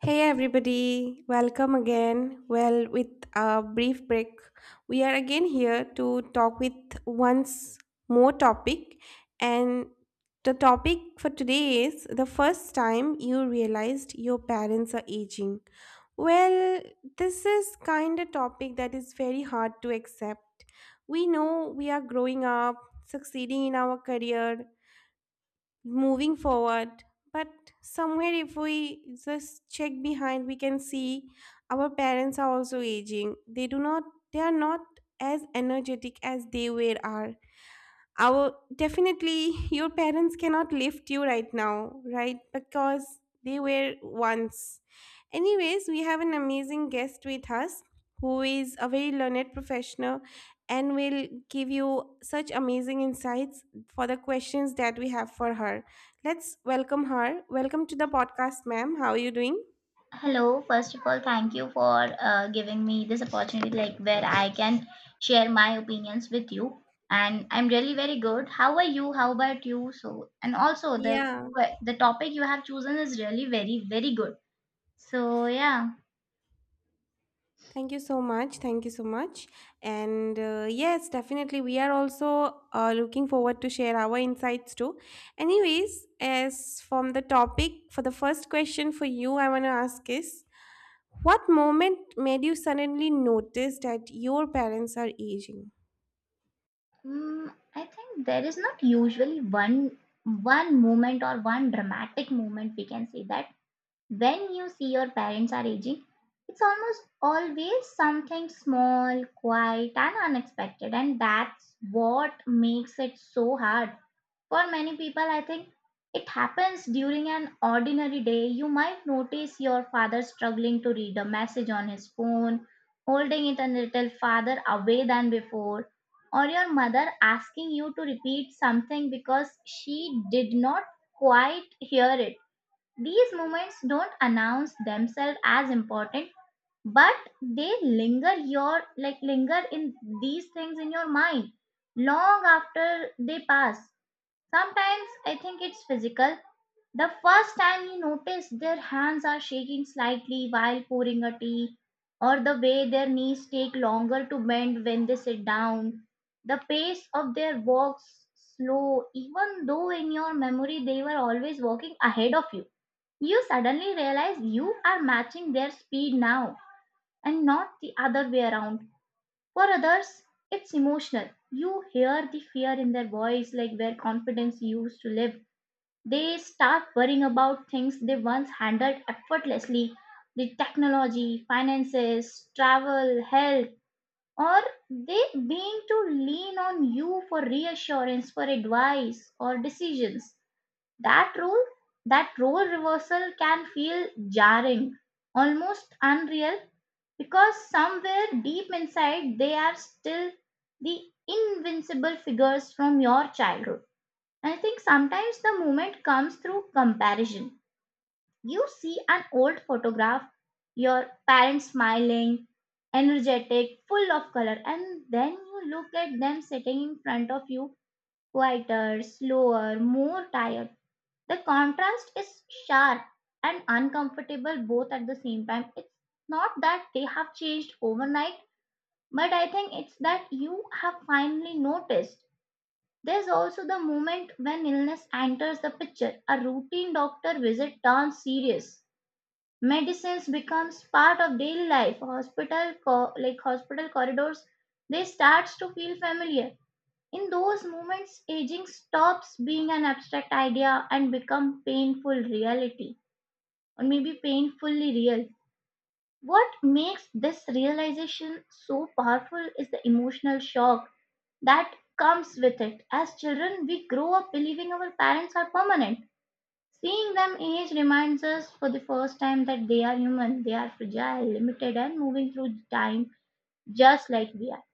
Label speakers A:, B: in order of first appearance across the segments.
A: Hey everybody, welcome again. Well, with a brief break, we are again here to talk with once more topic, and the topic for today is the first time you realized your parents are aging. Well, this is kind of topic that is very hard to accept. We know we are growing up, succeeding in our career, moving forward, but somewhere if we just check behind we can see our parents are also aging. They do not, they are not as energetic as they were. Are our, definitely, your parents cannot lift you right now, right? Because they were once. Anyways, we have an amazing guest with us who is a very learned professional and will give you such amazing insights for the questions that we have for her. Let's welcome her. Welcome to the podcast, ma'am. How are you doing?
B: Hello, first of all, thank you for giving me this opportunity, like where I can share my opinions with you. And I'm really very good. How are you? How about you? So, and also the
A: Yeah.
B: the topic you have chosen is really very good. So yeah,
A: Thank you so much. Thank you so much. And yes, definitely, we are also looking forward to share our insights too. Anyways, as from the topic, for the first question for you, I want to ask is, what moment made you suddenly notice that your parents are aging?
B: I think there is not usually one moment or one dramatic moment we can say that when you see your parents are aging, it's almost always something small, quiet, and unexpected, and that's what makes it so hard. For many people, I think it happens during an ordinary day. You might notice your father struggling to read a message on his phone, holding it a little farther away than before, or your mother asking you to repeat something because she did not quite hear it. These moments don't announce themselves as important, but they linger your like linger in these things in your mind long after they pass. Sometimes I think it's physical. The first time you notice their hands are shaking slightly while pouring a tea, or the way their knees take longer to bend when they sit down, the pace of their walks slow, even though in your memory they were always walking ahead of you. You suddenly realize you are matching their speed now and not the other way around. For others, it's emotional. You hear the fear in their voice, like where confidence used to live. They start worrying about things they once handled effortlessly: the technology, finances, travel, health, or they being to lean on you for reassurance, for advice, or decisions. That role, that role reversal can feel jarring, almost unreal, because somewhere deep inside they are still the invincible figures from your childhood. And I think sometimes the moment comes through comparison. You see an old photograph, your parents smiling, energetic, full of color, and then you look at them sitting in front of you, quieter, slower, more tired. The contrast is sharp and uncomfortable both at the same time. It's not that they have changed overnight, but I think it's that you have finally noticed. There's also the moment when illness enters the picture. A routine doctor visit turns serious, medicines becomes part of daily life, hospital hospital corridors they starts to feel familiar. In those moments aging stops being an abstract idea and become painful reality, or maybe painfully real. What makes this realization so powerful is the emotional shock that comes with it. As children, we grow up believing our parents are permanent. Seeing them age reminds us for the first time that they are human, they are fragile, limited, and moving through time just like we are.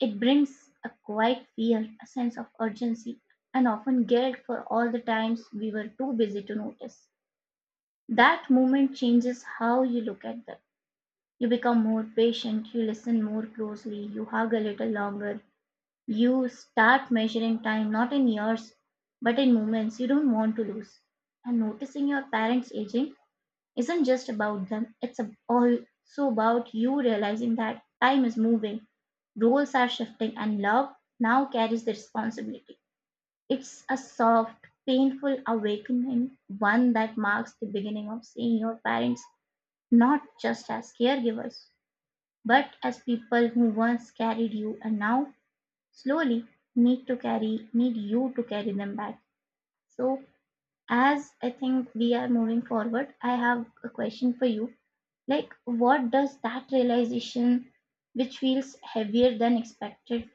B: It brings a quiet fear, a sense of urgency, and often guilt for all the times we were too busy to notice. That moment changes how you look at them. You become more patient, you listen more closely, you hug a little longer, you start measuring time not in years but in moments you don't want to lose. And noticing your parents aging isn't just about them, it's also about you realizing that time is moving, roles are shifting, and love now carries the responsibility. It's a soft, painful awakening, one that marks the beginning of seeing your parents not just as caregivers but as people who once carried you and now slowly need you to carry them back. So as I think we are moving forward, I have a question for you. Like, what does that realization, which feels heavier than expected,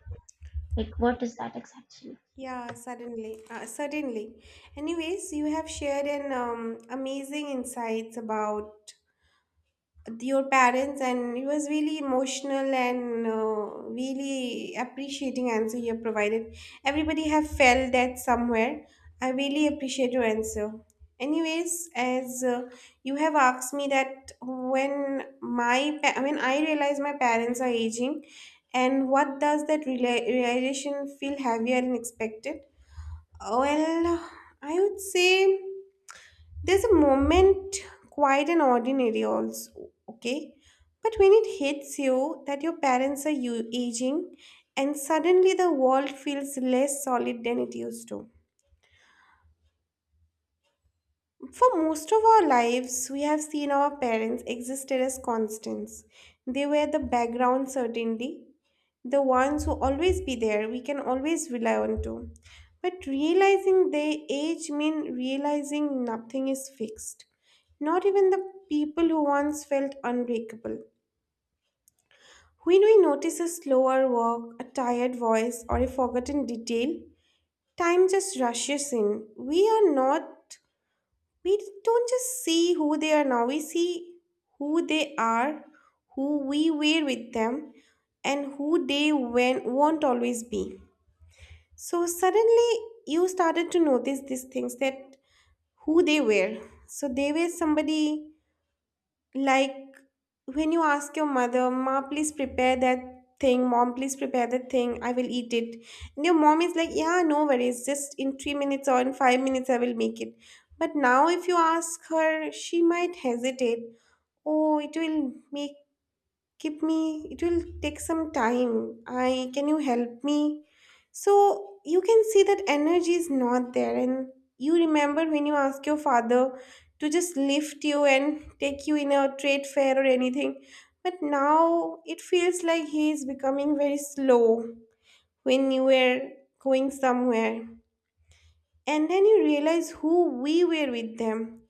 B: like what is that exactly?
A: Yeah, certainly. Certainly. Anyways, you have shared an amazing insights about your parents, and it was really emotional and really appreciating answer you have provided. Everybody have felt that somewhere. I really appreciate your answer. Anyways, as you have asked me that when when I realize my parents are aging, and what does that realization feel heavier than expected? Well, I would say there's a moment, quite an ordinary also, okay? But when it hits you that your parents are you aging, and suddenly the world feels less solid than it used to. For most of our lives, we have seen our parents existed as constants. They were the background, certainly, the ones who always be there, we can always rely on to. But realizing their age means realizing nothing is fixed. Not even the people who once felt unbreakable. When we notice a slower walk, a tired voice, or a forgotten detail, time just rushes in. We are not, we don't just see who they are now, we see who they are, who we were with them, and who they when won't always be. So suddenly you started to notice these things, that who they were. So they were somebody. Like, when you ask your mother, "Ma, please prepare that thing, Mom, please prepare that thing, I will eat it." And your mom is like, "Yeah, no worries, just in 3 minutes or in 5 minutes, I will make it." But now, if you ask her, she might hesitate. Oh, it will make, give me, it will take some time. I can you help me? So you can see that energy is not there. And you remember when you ask your father to just lift you and take you in a trade fair or anything, but now it feels like he is becoming very slow when you were going somewhere. And then you realize who we were with them.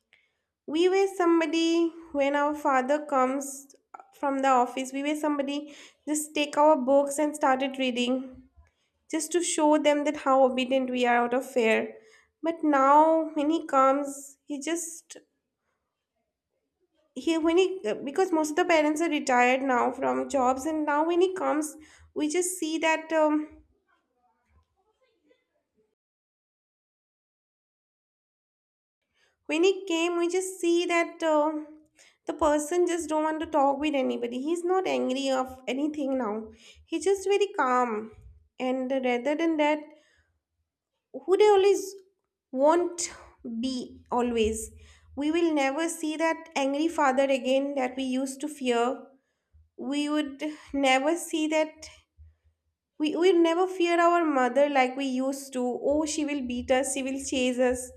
A: We were somebody. When our father comes from the office, we were somebody, just take our books and started reading, just to show them that how obedient we are, out of fear. But now when he comes, he just, he when he, because most of the parents are retired now from jobs, and now when he comes, we just see that when he came we just see that the person just don't want to talk with anybody. He's not angry of anything now, he's just very calm. And rather than that, who they always won't be always, we will never see that angry father again that we used to fear. We would never see that. We never fear our mother like we used to. Oh, she will beat us, she will chase us.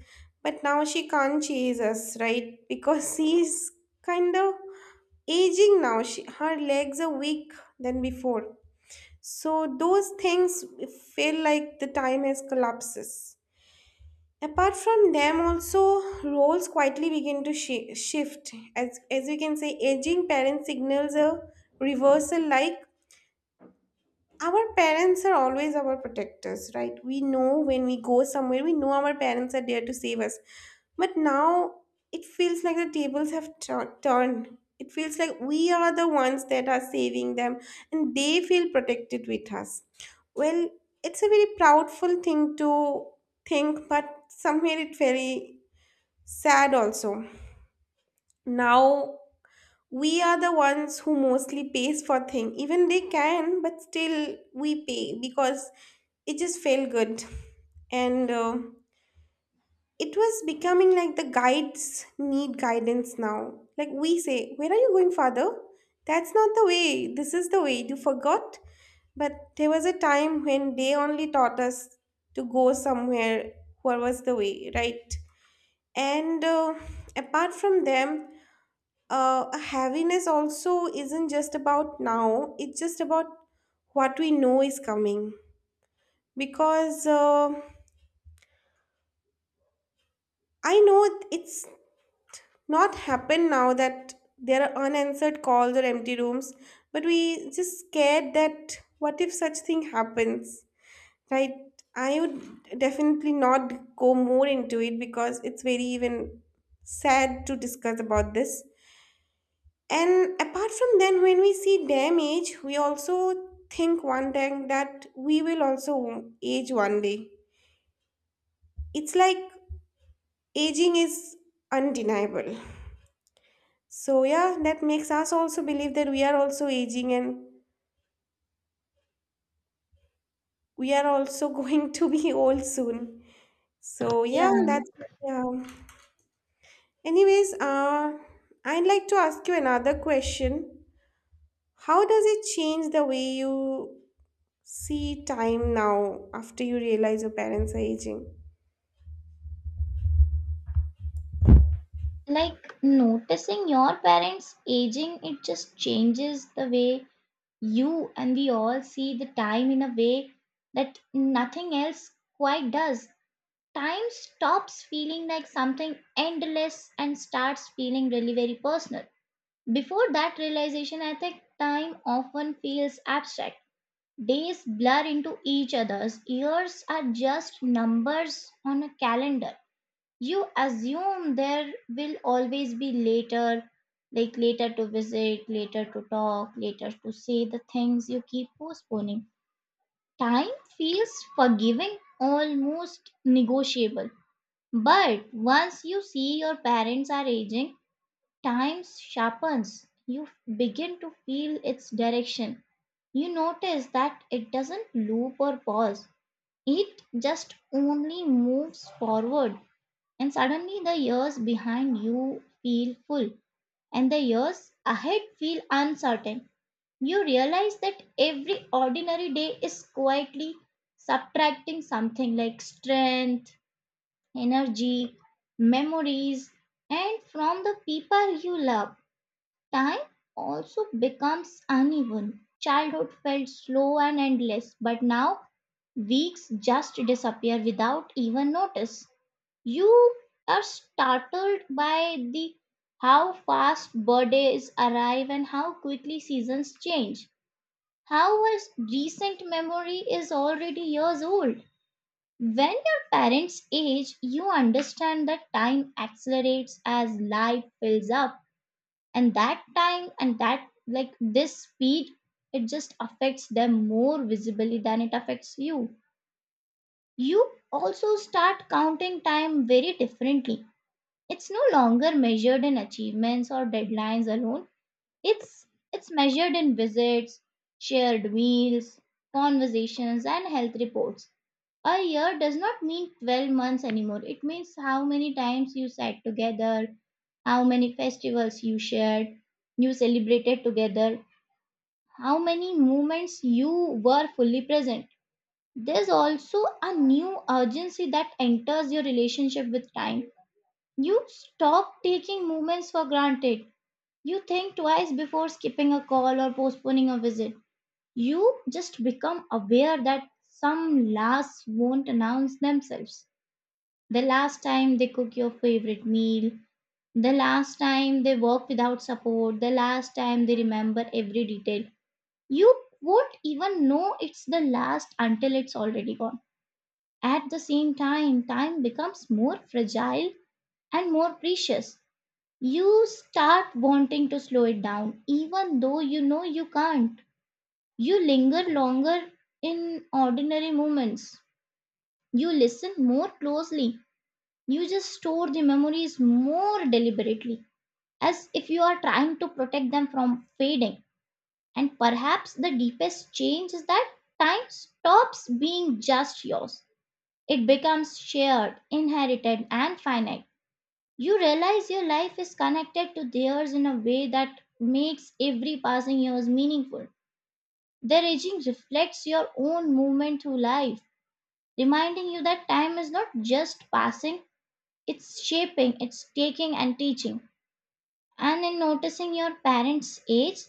A: But now she can't chase us, right? Because she's kind of aging now. She, her legs are weak than before. So those things feel like the time has collapses. Apart from them, also roles quietly begin to shift. As we can say, aging parent signals a reversal. Like, our parents are always our protectors, right? We know when we go somewhere, we know our parents are there to save us. But now it feels like the tables have turned. It feels like we are the ones that are saving them, and they feel protected with us. Well, it's a very proudful thing to think, but somewhere it's very sad also. Now we are the ones who mostly pays for thing, even they can, but still we pay because it just felt good. And it was becoming like the guides need guidance now. Like we say, "Where are you going, father? That's not the way, this is the way, you forgot." But there was a time when they only taught us to go somewhere, what was the way, right? And apart from them, heaviness also isn't just about now, it's just about what we know is coming. Because I know it's not happened now that there are unanswered calls or empty rooms, but we just scared that what if such thing happens, right? I would definitely not go more into it because it's very even sad to discuss about this. And apart from then, when we see damage, we also think one time that we will also age one day. It's like aging is undeniable. So, yeah, that makes us also believe that we are also aging and we are also going to be old soon. So, yeah,
B: Yeah,
A: that's, yeah. Anyways, I'd like to ask you another question. How does it change the way you see time now after you realize your parents are aging?
B: like noticing your parents aging, it just changes the way you and we all see the time in a way that nothing else quite does. Time stops feeling like something endless and starts feeling really very personal. Before that realization, I think time often feels abstract. Days blur into each other's, years are just numbers on a calendar. You assume there will always be later, like later to visit, later to talk, later to say the things you keep postponing. Time feels forgiving, almost negotiable. But once you see your parents are aging, time sharpens. You begin to feel its direction. You notice that it doesn't loop or pause, it just only moves forward, and suddenly the years behind you feel full and the years ahead feel uncertain. You realize that every ordinary day is quietly subtracting something, like strength, energy, memories, and from the people you love. Time also becomes uneven. Childhood felt slow and endless, but now weeks just disappear without even notice. You are startled by the how fast birthdays arrive and how quickly seasons change, how a recent memory is already years old. When your parents age, you understand that time accelerates as life fills up, and that time and that like this speed, it just affects them more visibly than it affects you. You also start counting time very differently. It's no longer measured in achievements or deadlines alone. It's it's measured in visits, shared meals, conversations and health reports. A year does not mean 12 months anymore. It means how many times you sat together, how many festivals you shared, you celebrated together, how many moments you were fully present. There's also a new urgency that enters your relationship with time. You stop taking moments for granted. You think twice before skipping a call or postponing a visit. You just become aware that some lasts won't announce themselves. The last time they cook your favorite meal, the last time they work without support, the last time they remember every detail. You won't even know it's the last until it's already gone. At the same time, time becomes more fragile and more precious. You start wanting to slow it down, even though you know you can't. You linger longer in ordinary moments. You listen more closely. You just store the memories more deliberately, as if you are trying to protect them from fading. And perhaps the deepest change is that time stops being just yours, it becomes shared, inherited, and finite. You realize your life is connected to theirs in a way that makes every passing year meaningful. Their aging reflects your own movement through life, reminding you that time is not just passing, it's shaping, it's taking and teaching. And in noticing your parents' age,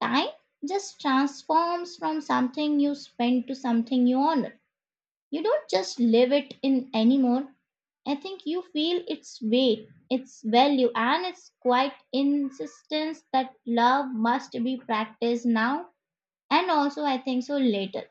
B: time just transforms from something you spend to something you honor. You don't just live it in anymore, I think you feel its weight, its value, and its quite insistence that love must be practiced now and also I think so later.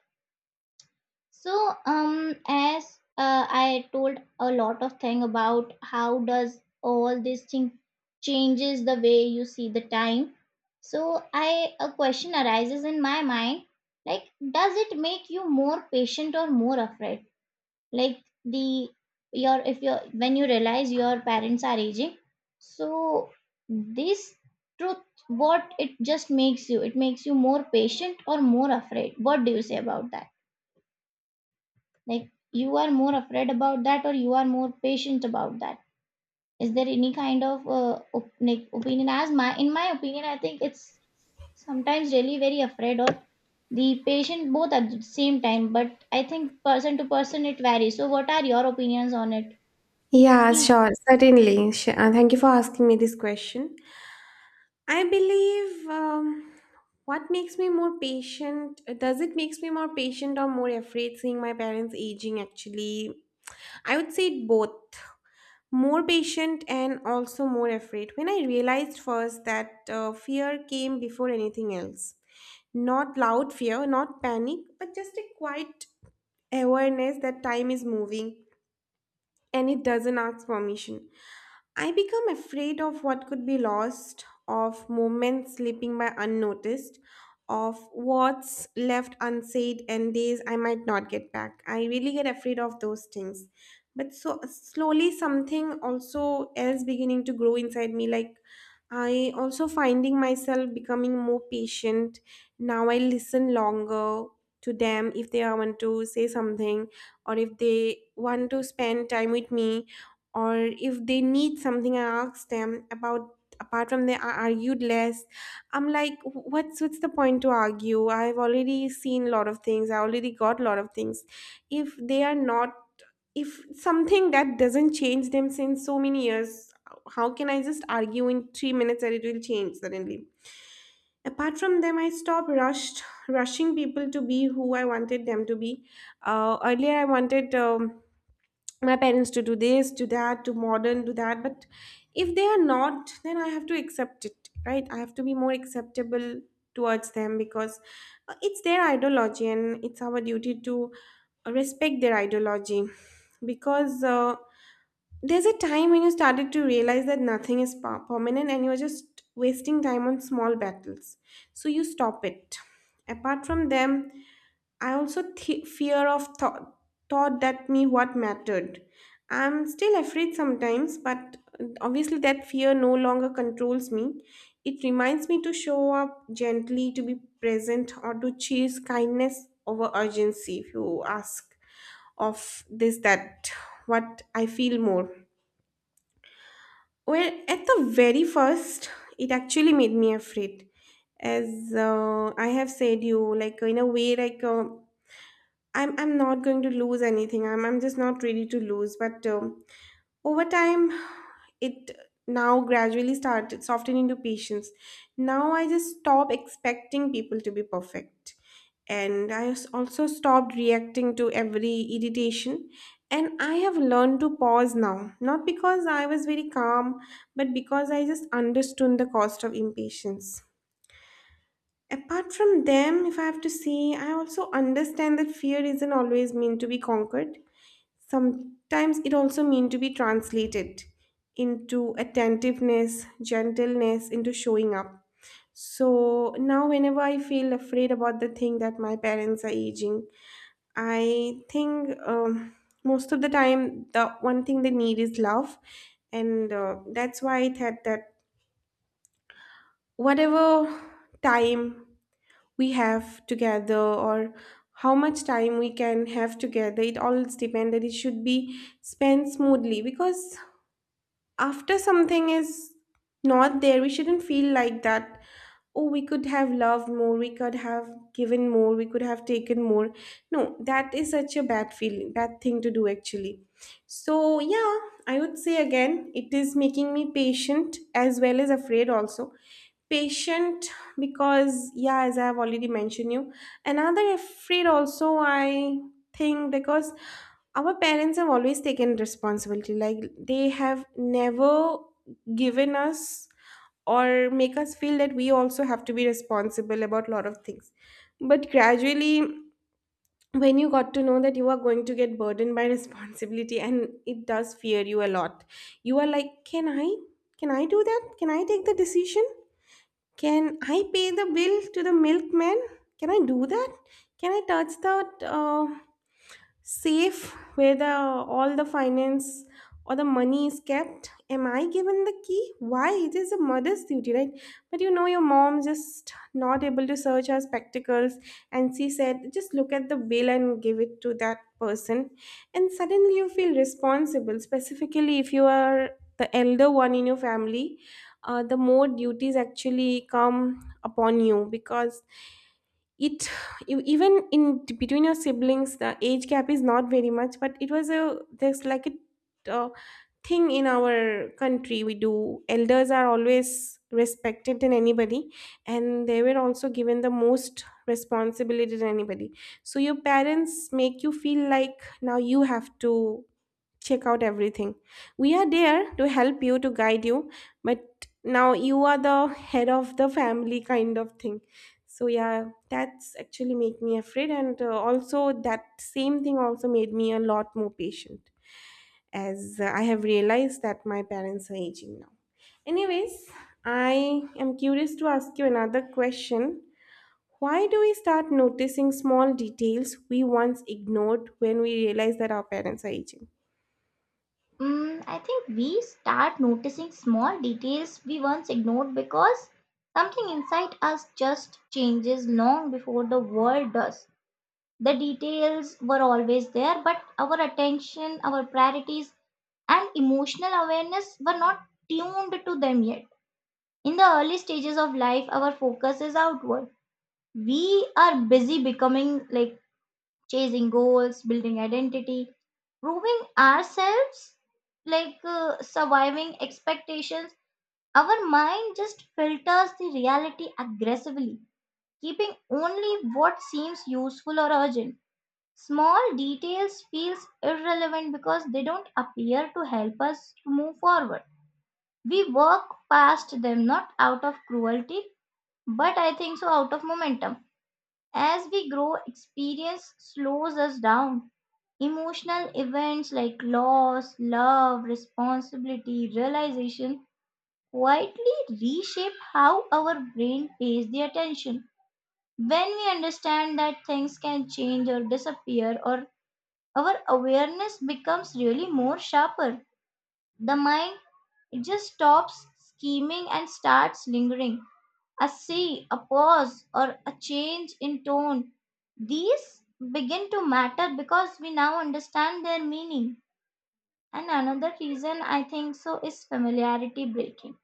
B: So as I told a lot of thing about how does all this thing changes the way you see the time. So I a question arises in my mind, like does it make you more patient or more afraid? Like the your if your when you realize your parents are aging, so this truth, what it just makes you, it makes you more patient or more afraid? What do you say about that? Like you are more afraid about that or you are more patient about that? Is there any kind of opinion? As my in my opinion I think it's sometimes really very afraid or the patient both at the same time, but I think person to person it varies. So what are your opinions on it?
A: Yeah,
B: Please.
A: sure, certainly. Thank you for asking me this question. I believe what makes me more patient, does it makes me more patient or more afraid seeing my parents aging actually? I would say both. More patient and also more afraid. When I realized first that fear came before anything else. Not loud fear, not panic, but just a quiet awareness that time is moving and it doesn't ask permission. I become afraid of what could be lost, of moments slipping by unnoticed, of what's left unsaid and days I might not get back. I really get afraid of those things. But so slowly something also else beginning to grow inside me. Like, I also finding myself becoming more patient. Now I listen longer to them if they want to say something, or if they want to spend time with me, or if they need something I ask them about. Apart from they, I argued less. I'm like, what's the point to argue? I've already seen a lot of things, I already got a lot of things. If they are not, if something that doesn't change them since so many years, how can I just argue in 3 minutes that it will change suddenly? Apart from them, I stopped rushed rushing people to be who I wanted them to be. Earlier I wanted my parents to do this, to that, to modern, to that. But if they are not, then I have to accept it, right? I have to be more acceptable towards them, because it's their ideology, and it's our duty to respect their ideology. Because there's a time when you started to realize that nothing is permanent and you're just wasting time on small battles, so you stop it. Apart from them, I also fear of thought, thought that me what mattered. I'm still afraid sometimes, but obviously that fear no longer controls me. It reminds me to show up gently, to be present, or to choose kindness over urgency. If you ask of this, that what I feel more. Well, at the very first, it actually made me afraid. As I have said, you like in a way, like. I'm not going to lose anything. I'm just not ready to lose. But over time, it now gradually started softening into patience. Now I just stop expecting people to be perfect, and I also stopped reacting to every irritation. And I have learned to pause now, not because I was very calm, but because I just understood the cost of impatience. Apart from them, if I have to say, I also understand that fear isn't always meant to be conquered. Sometimes it also means to be translated into attentiveness, gentleness, into showing up. So now, whenever I feel afraid about the thing that my parents are aging, I think most of the time the one thing they need is love, and that's why I thought that whatever time we have together, or how much time we can have together, it all depends that it should be spent smoothly, because after something is not there, we shouldn't feel like that, oh, we could have loved more, we could have given more, we could have taken more. No, that is such a bad feeling, bad thing to do actually. So yeah, I would say again it is making me patient as well as afraid also. Patient because, yeah, as I have already mentioned you, another afraid also, I think, because our parents have always taken responsibility, like they have never given us or make us feel that we also have to be responsible about a lot of things. But gradually, when you got to know that you are going to get burdened by responsibility, and it does fear you a lot. You are like, can I, can I do that? Can I take the decision? Can I pay the bill to the milkman? Can I do that? Can I touch that? Safe where the all the finance or the money is kept, am I given the key? Why it is a mother's duty, right? But you know your mom just not able to search her spectacles, and she said just look at the bill and give it to that person. And suddenly you feel responsible, specifically if you are the elder one in your family. The more duties actually come upon you, because it even in between your siblings the age gap is not very much, but it was a there's like a thing in our country we do, elders are always respected than anybody, and they were also given the most responsibility than anybody. So your parents make you feel like now you have to check out everything. We are there to help you, to guide you, but now you are the head of the family kind of thing. So yeah, that's actually make me afraid, and also that same thing also made me a lot more patient, as I have realized that my parents are aging now. Anyways, I am curious to ask you another question. Why do we start noticing small details we once ignored when we realize that our parents are aging?
B: I think we start noticing small details we once ignored because something inside us just changes long before the world does. The details were always there, but our attention, our priorities, and emotional awareness were not tuned to them yet. In the early stages of life, our focus is outward. We are busy becoming, like chasing goals, building identity, proving ourselves, like surviving expectations. Our mind just filters the reality aggressively, keeping only what seems useful or urgent. Small details feels irrelevant because they don't appear to help us to move forward. We work past them not out of cruelty, but I think so out of momentum. As we grow, experience slows us down. Emotional events like loss, love, responsibility, realization quietly reshape how our brain pays the attention. When we understand that things can change or disappear, or our awareness becomes really more sharper. The mind, it just stops scheming and starts lingering. A say, a pause, or a change in tone. These begin to matter because we now understand their meaning. And another reason I think so is familiarity breaking.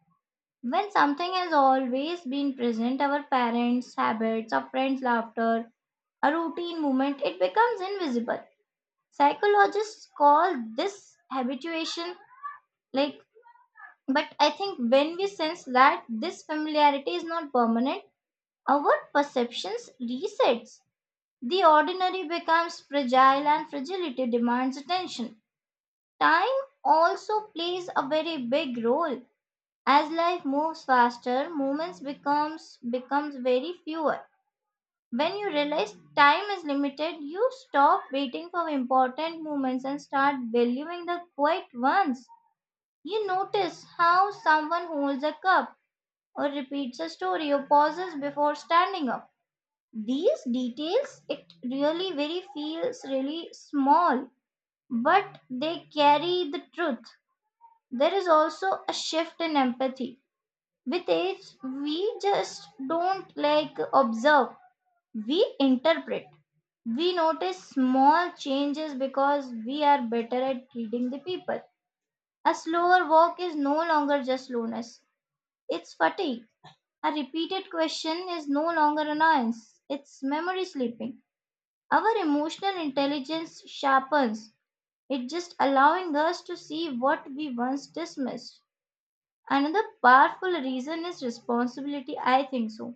B: When something has always been present, our parents' habits, our friends' laughter, a routine movement, it becomes invisible. Psychologists call this habituation, like, but I think when we sense that this familiarity is not permanent, our perceptions resets. The ordinary becomes fragile and fragility demands attention. Time also plays a very big role. As life moves faster, moments becomes very fewer. When you realize time is limited, you stop waiting for important moments and start valuing the quiet ones. You notice how someone holds a cup or repeats a story or pauses before standing up. These details it really very feels really small, but they carry the truth. There is also a shift in empathy. With age, we just don't like observe, we interpret. We notice small changes because we are better at reading the people. A slower walk is no longer just slowness, it's fatigue. A repeated question is no longer annoyance, it's memory sleeping. Our emotional intelligence sharpens, it just allowing us to see what we once dismissed. Another powerful reason is responsibility, I think so.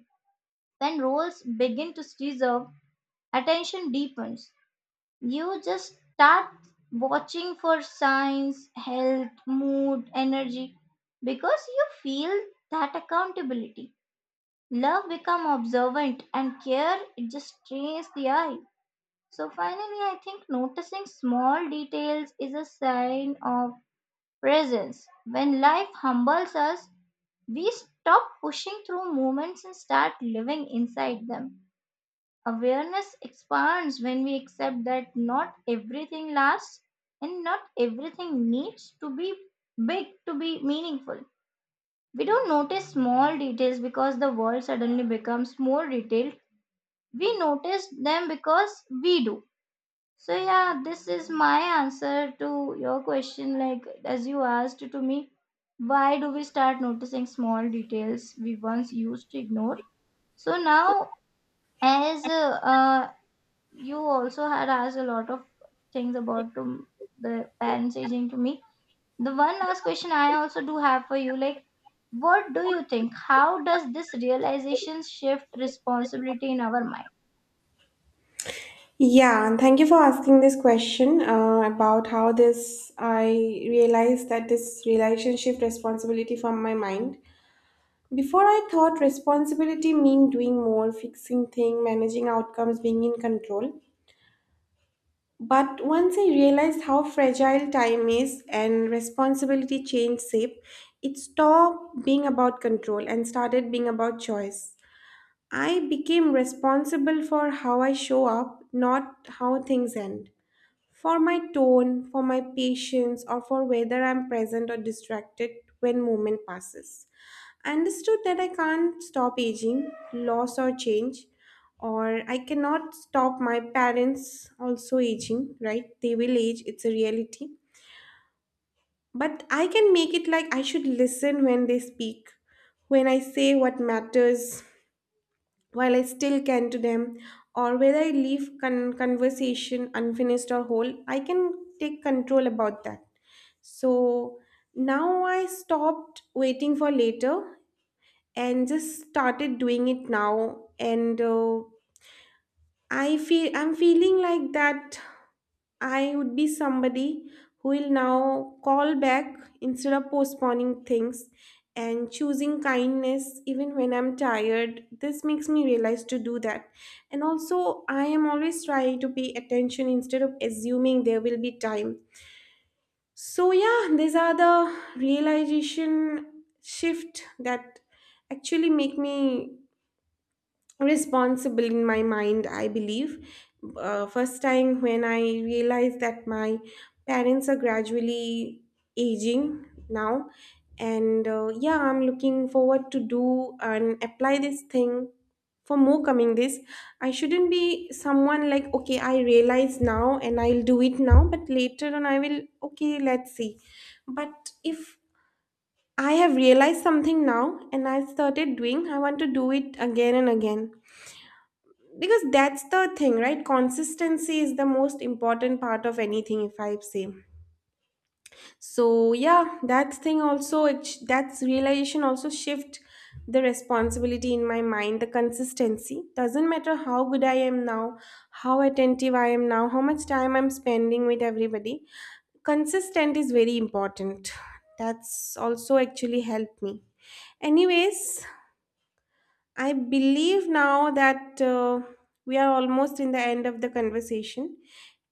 B: When roles begin to deserve, attention deepens. You just start watching for signs, health, mood, energy, because you feel that accountability. Love become observant and care it just trains the eye. So finally I think noticing small details is a sign of presence. When life humbles us, we stop pushing through moments and start living inside them. Awareness expands when we accept that not everything lasts and not everything needs to be big to be meaningful. We don't notice small details because the world suddenly becomes more detailed. We notice them because we do. So, yeah, this is my answer to your question. Like, as you asked to me, why do we start noticing small details we once used to ignore? So, now as uh, you also had asked a lot of things about to the parents aging to me. The one last question I also do have for you, like, what do you think? How does this realization shift responsibility in our mind?
A: Yeah, and thank you for asking this question about how this I realized that this relationship responsibility from my mind. Before I thought responsibility mean doing more, fixing thing, managing outcomes, being in control. But once I realized how fragile time is, and responsibility changed shape, it stopped being about control and started being about choice. I became responsible for how I show up, not how things end, for my tone, for my patience, or for whether I'm present or distracted when moment passes. I understood that I can't stop aging, loss or change, or I cannot stop my parents also aging, right? They will age, it's a reality. But I can make it like I should listen when they speak, when I say what matters, while I still can to them, or whether I leave conversation unfinished or whole, I can take control about that. So now I stopped waiting for later and just started doing it now, and I feel I'm feeling like that I would be somebody who will now call back instead of postponing things and choosing kindness even when I'm tired. This makes me realize to do that. And also, I am always trying to pay attention instead of assuming there will be time. So, yeah, these are the realization shift that actually make me responsible in my mind, I believe. First time when I realized that my parents are gradually aging now, and yeah, I'm looking forward to do and apply this thing for more coming this. I shouldn't be someone like, okay, I realize now and I'll do it now, but later on I will, okay, let's see. But if I have realized something now and I started doing, I want to do it again and again, because that's the thing, right? Consistency is the most important part of anything, if I say. So yeah, that thing also, that's realization also shift the responsibility in my mind. The consistency doesn't matter how good I am now, how attentive I am now, how much time I'm spending with everybody. Consistent is very important. That's also actually helped me. Anyways, I believe now that we are almost in the end of the conversation.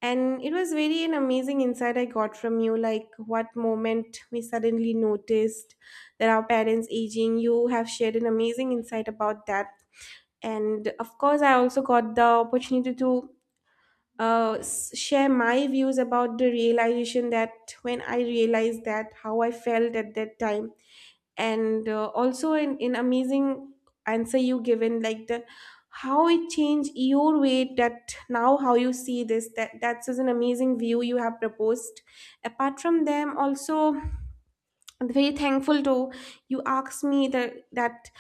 A: And it was very an amazing insight I got from you, like what moment we suddenly noticed that our parents aging. You have shared an amazing insight about that. And of course, I also got the opportunity to share my views about the realization, that when I realized that how I felt at that time, and also in amazing answer you given, like the how it changed your way, that now how you see this, that that's just an amazing view you have proposed. Apart from them, also I'm very thankful to you asked me that that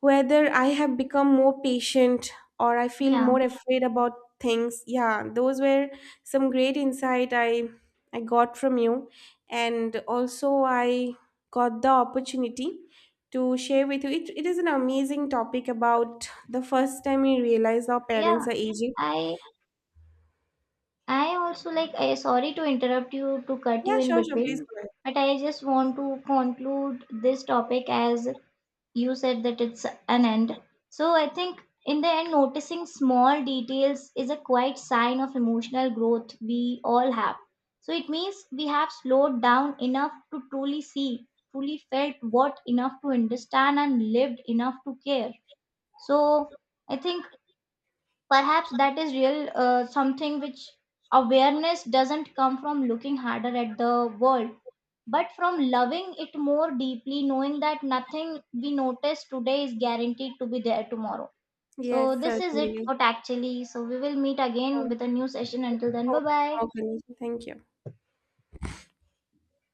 A: whether I have become more patient or I feel
B: Yeah,
A: more afraid about things. Yeah, those were some great insight I got from you, and also I got the opportunity to share with you. It is an amazing topic about the first time we realize our
B: yeah.
A: parents are aging.
B: I I also like I, sorry to interrupt you to cut you
A: Yeah,
B: in
A: sure, sure. Please
B: between,
A: go ahead.
B: but I just want to conclude this topic as you said that it's an end. So I think in the end, noticing small details is a quite sign of emotional growth we all have. So it means we have slowed down enough to truly see, truly felt what enough to understand, and lived enough to care. So I think perhaps that is real something which awareness doesn't come from looking harder at the world, but from loving it more deeply, knowing that nothing we notice today is guaranteed to be there tomorrow. So,
A: Yes,
B: this is it,
A: certainly.
B: what actually. So, we will meet again
A: Sure.
B: with a new session. Until then,
A: Oh,
B: bye bye.
A: okay. Thank you.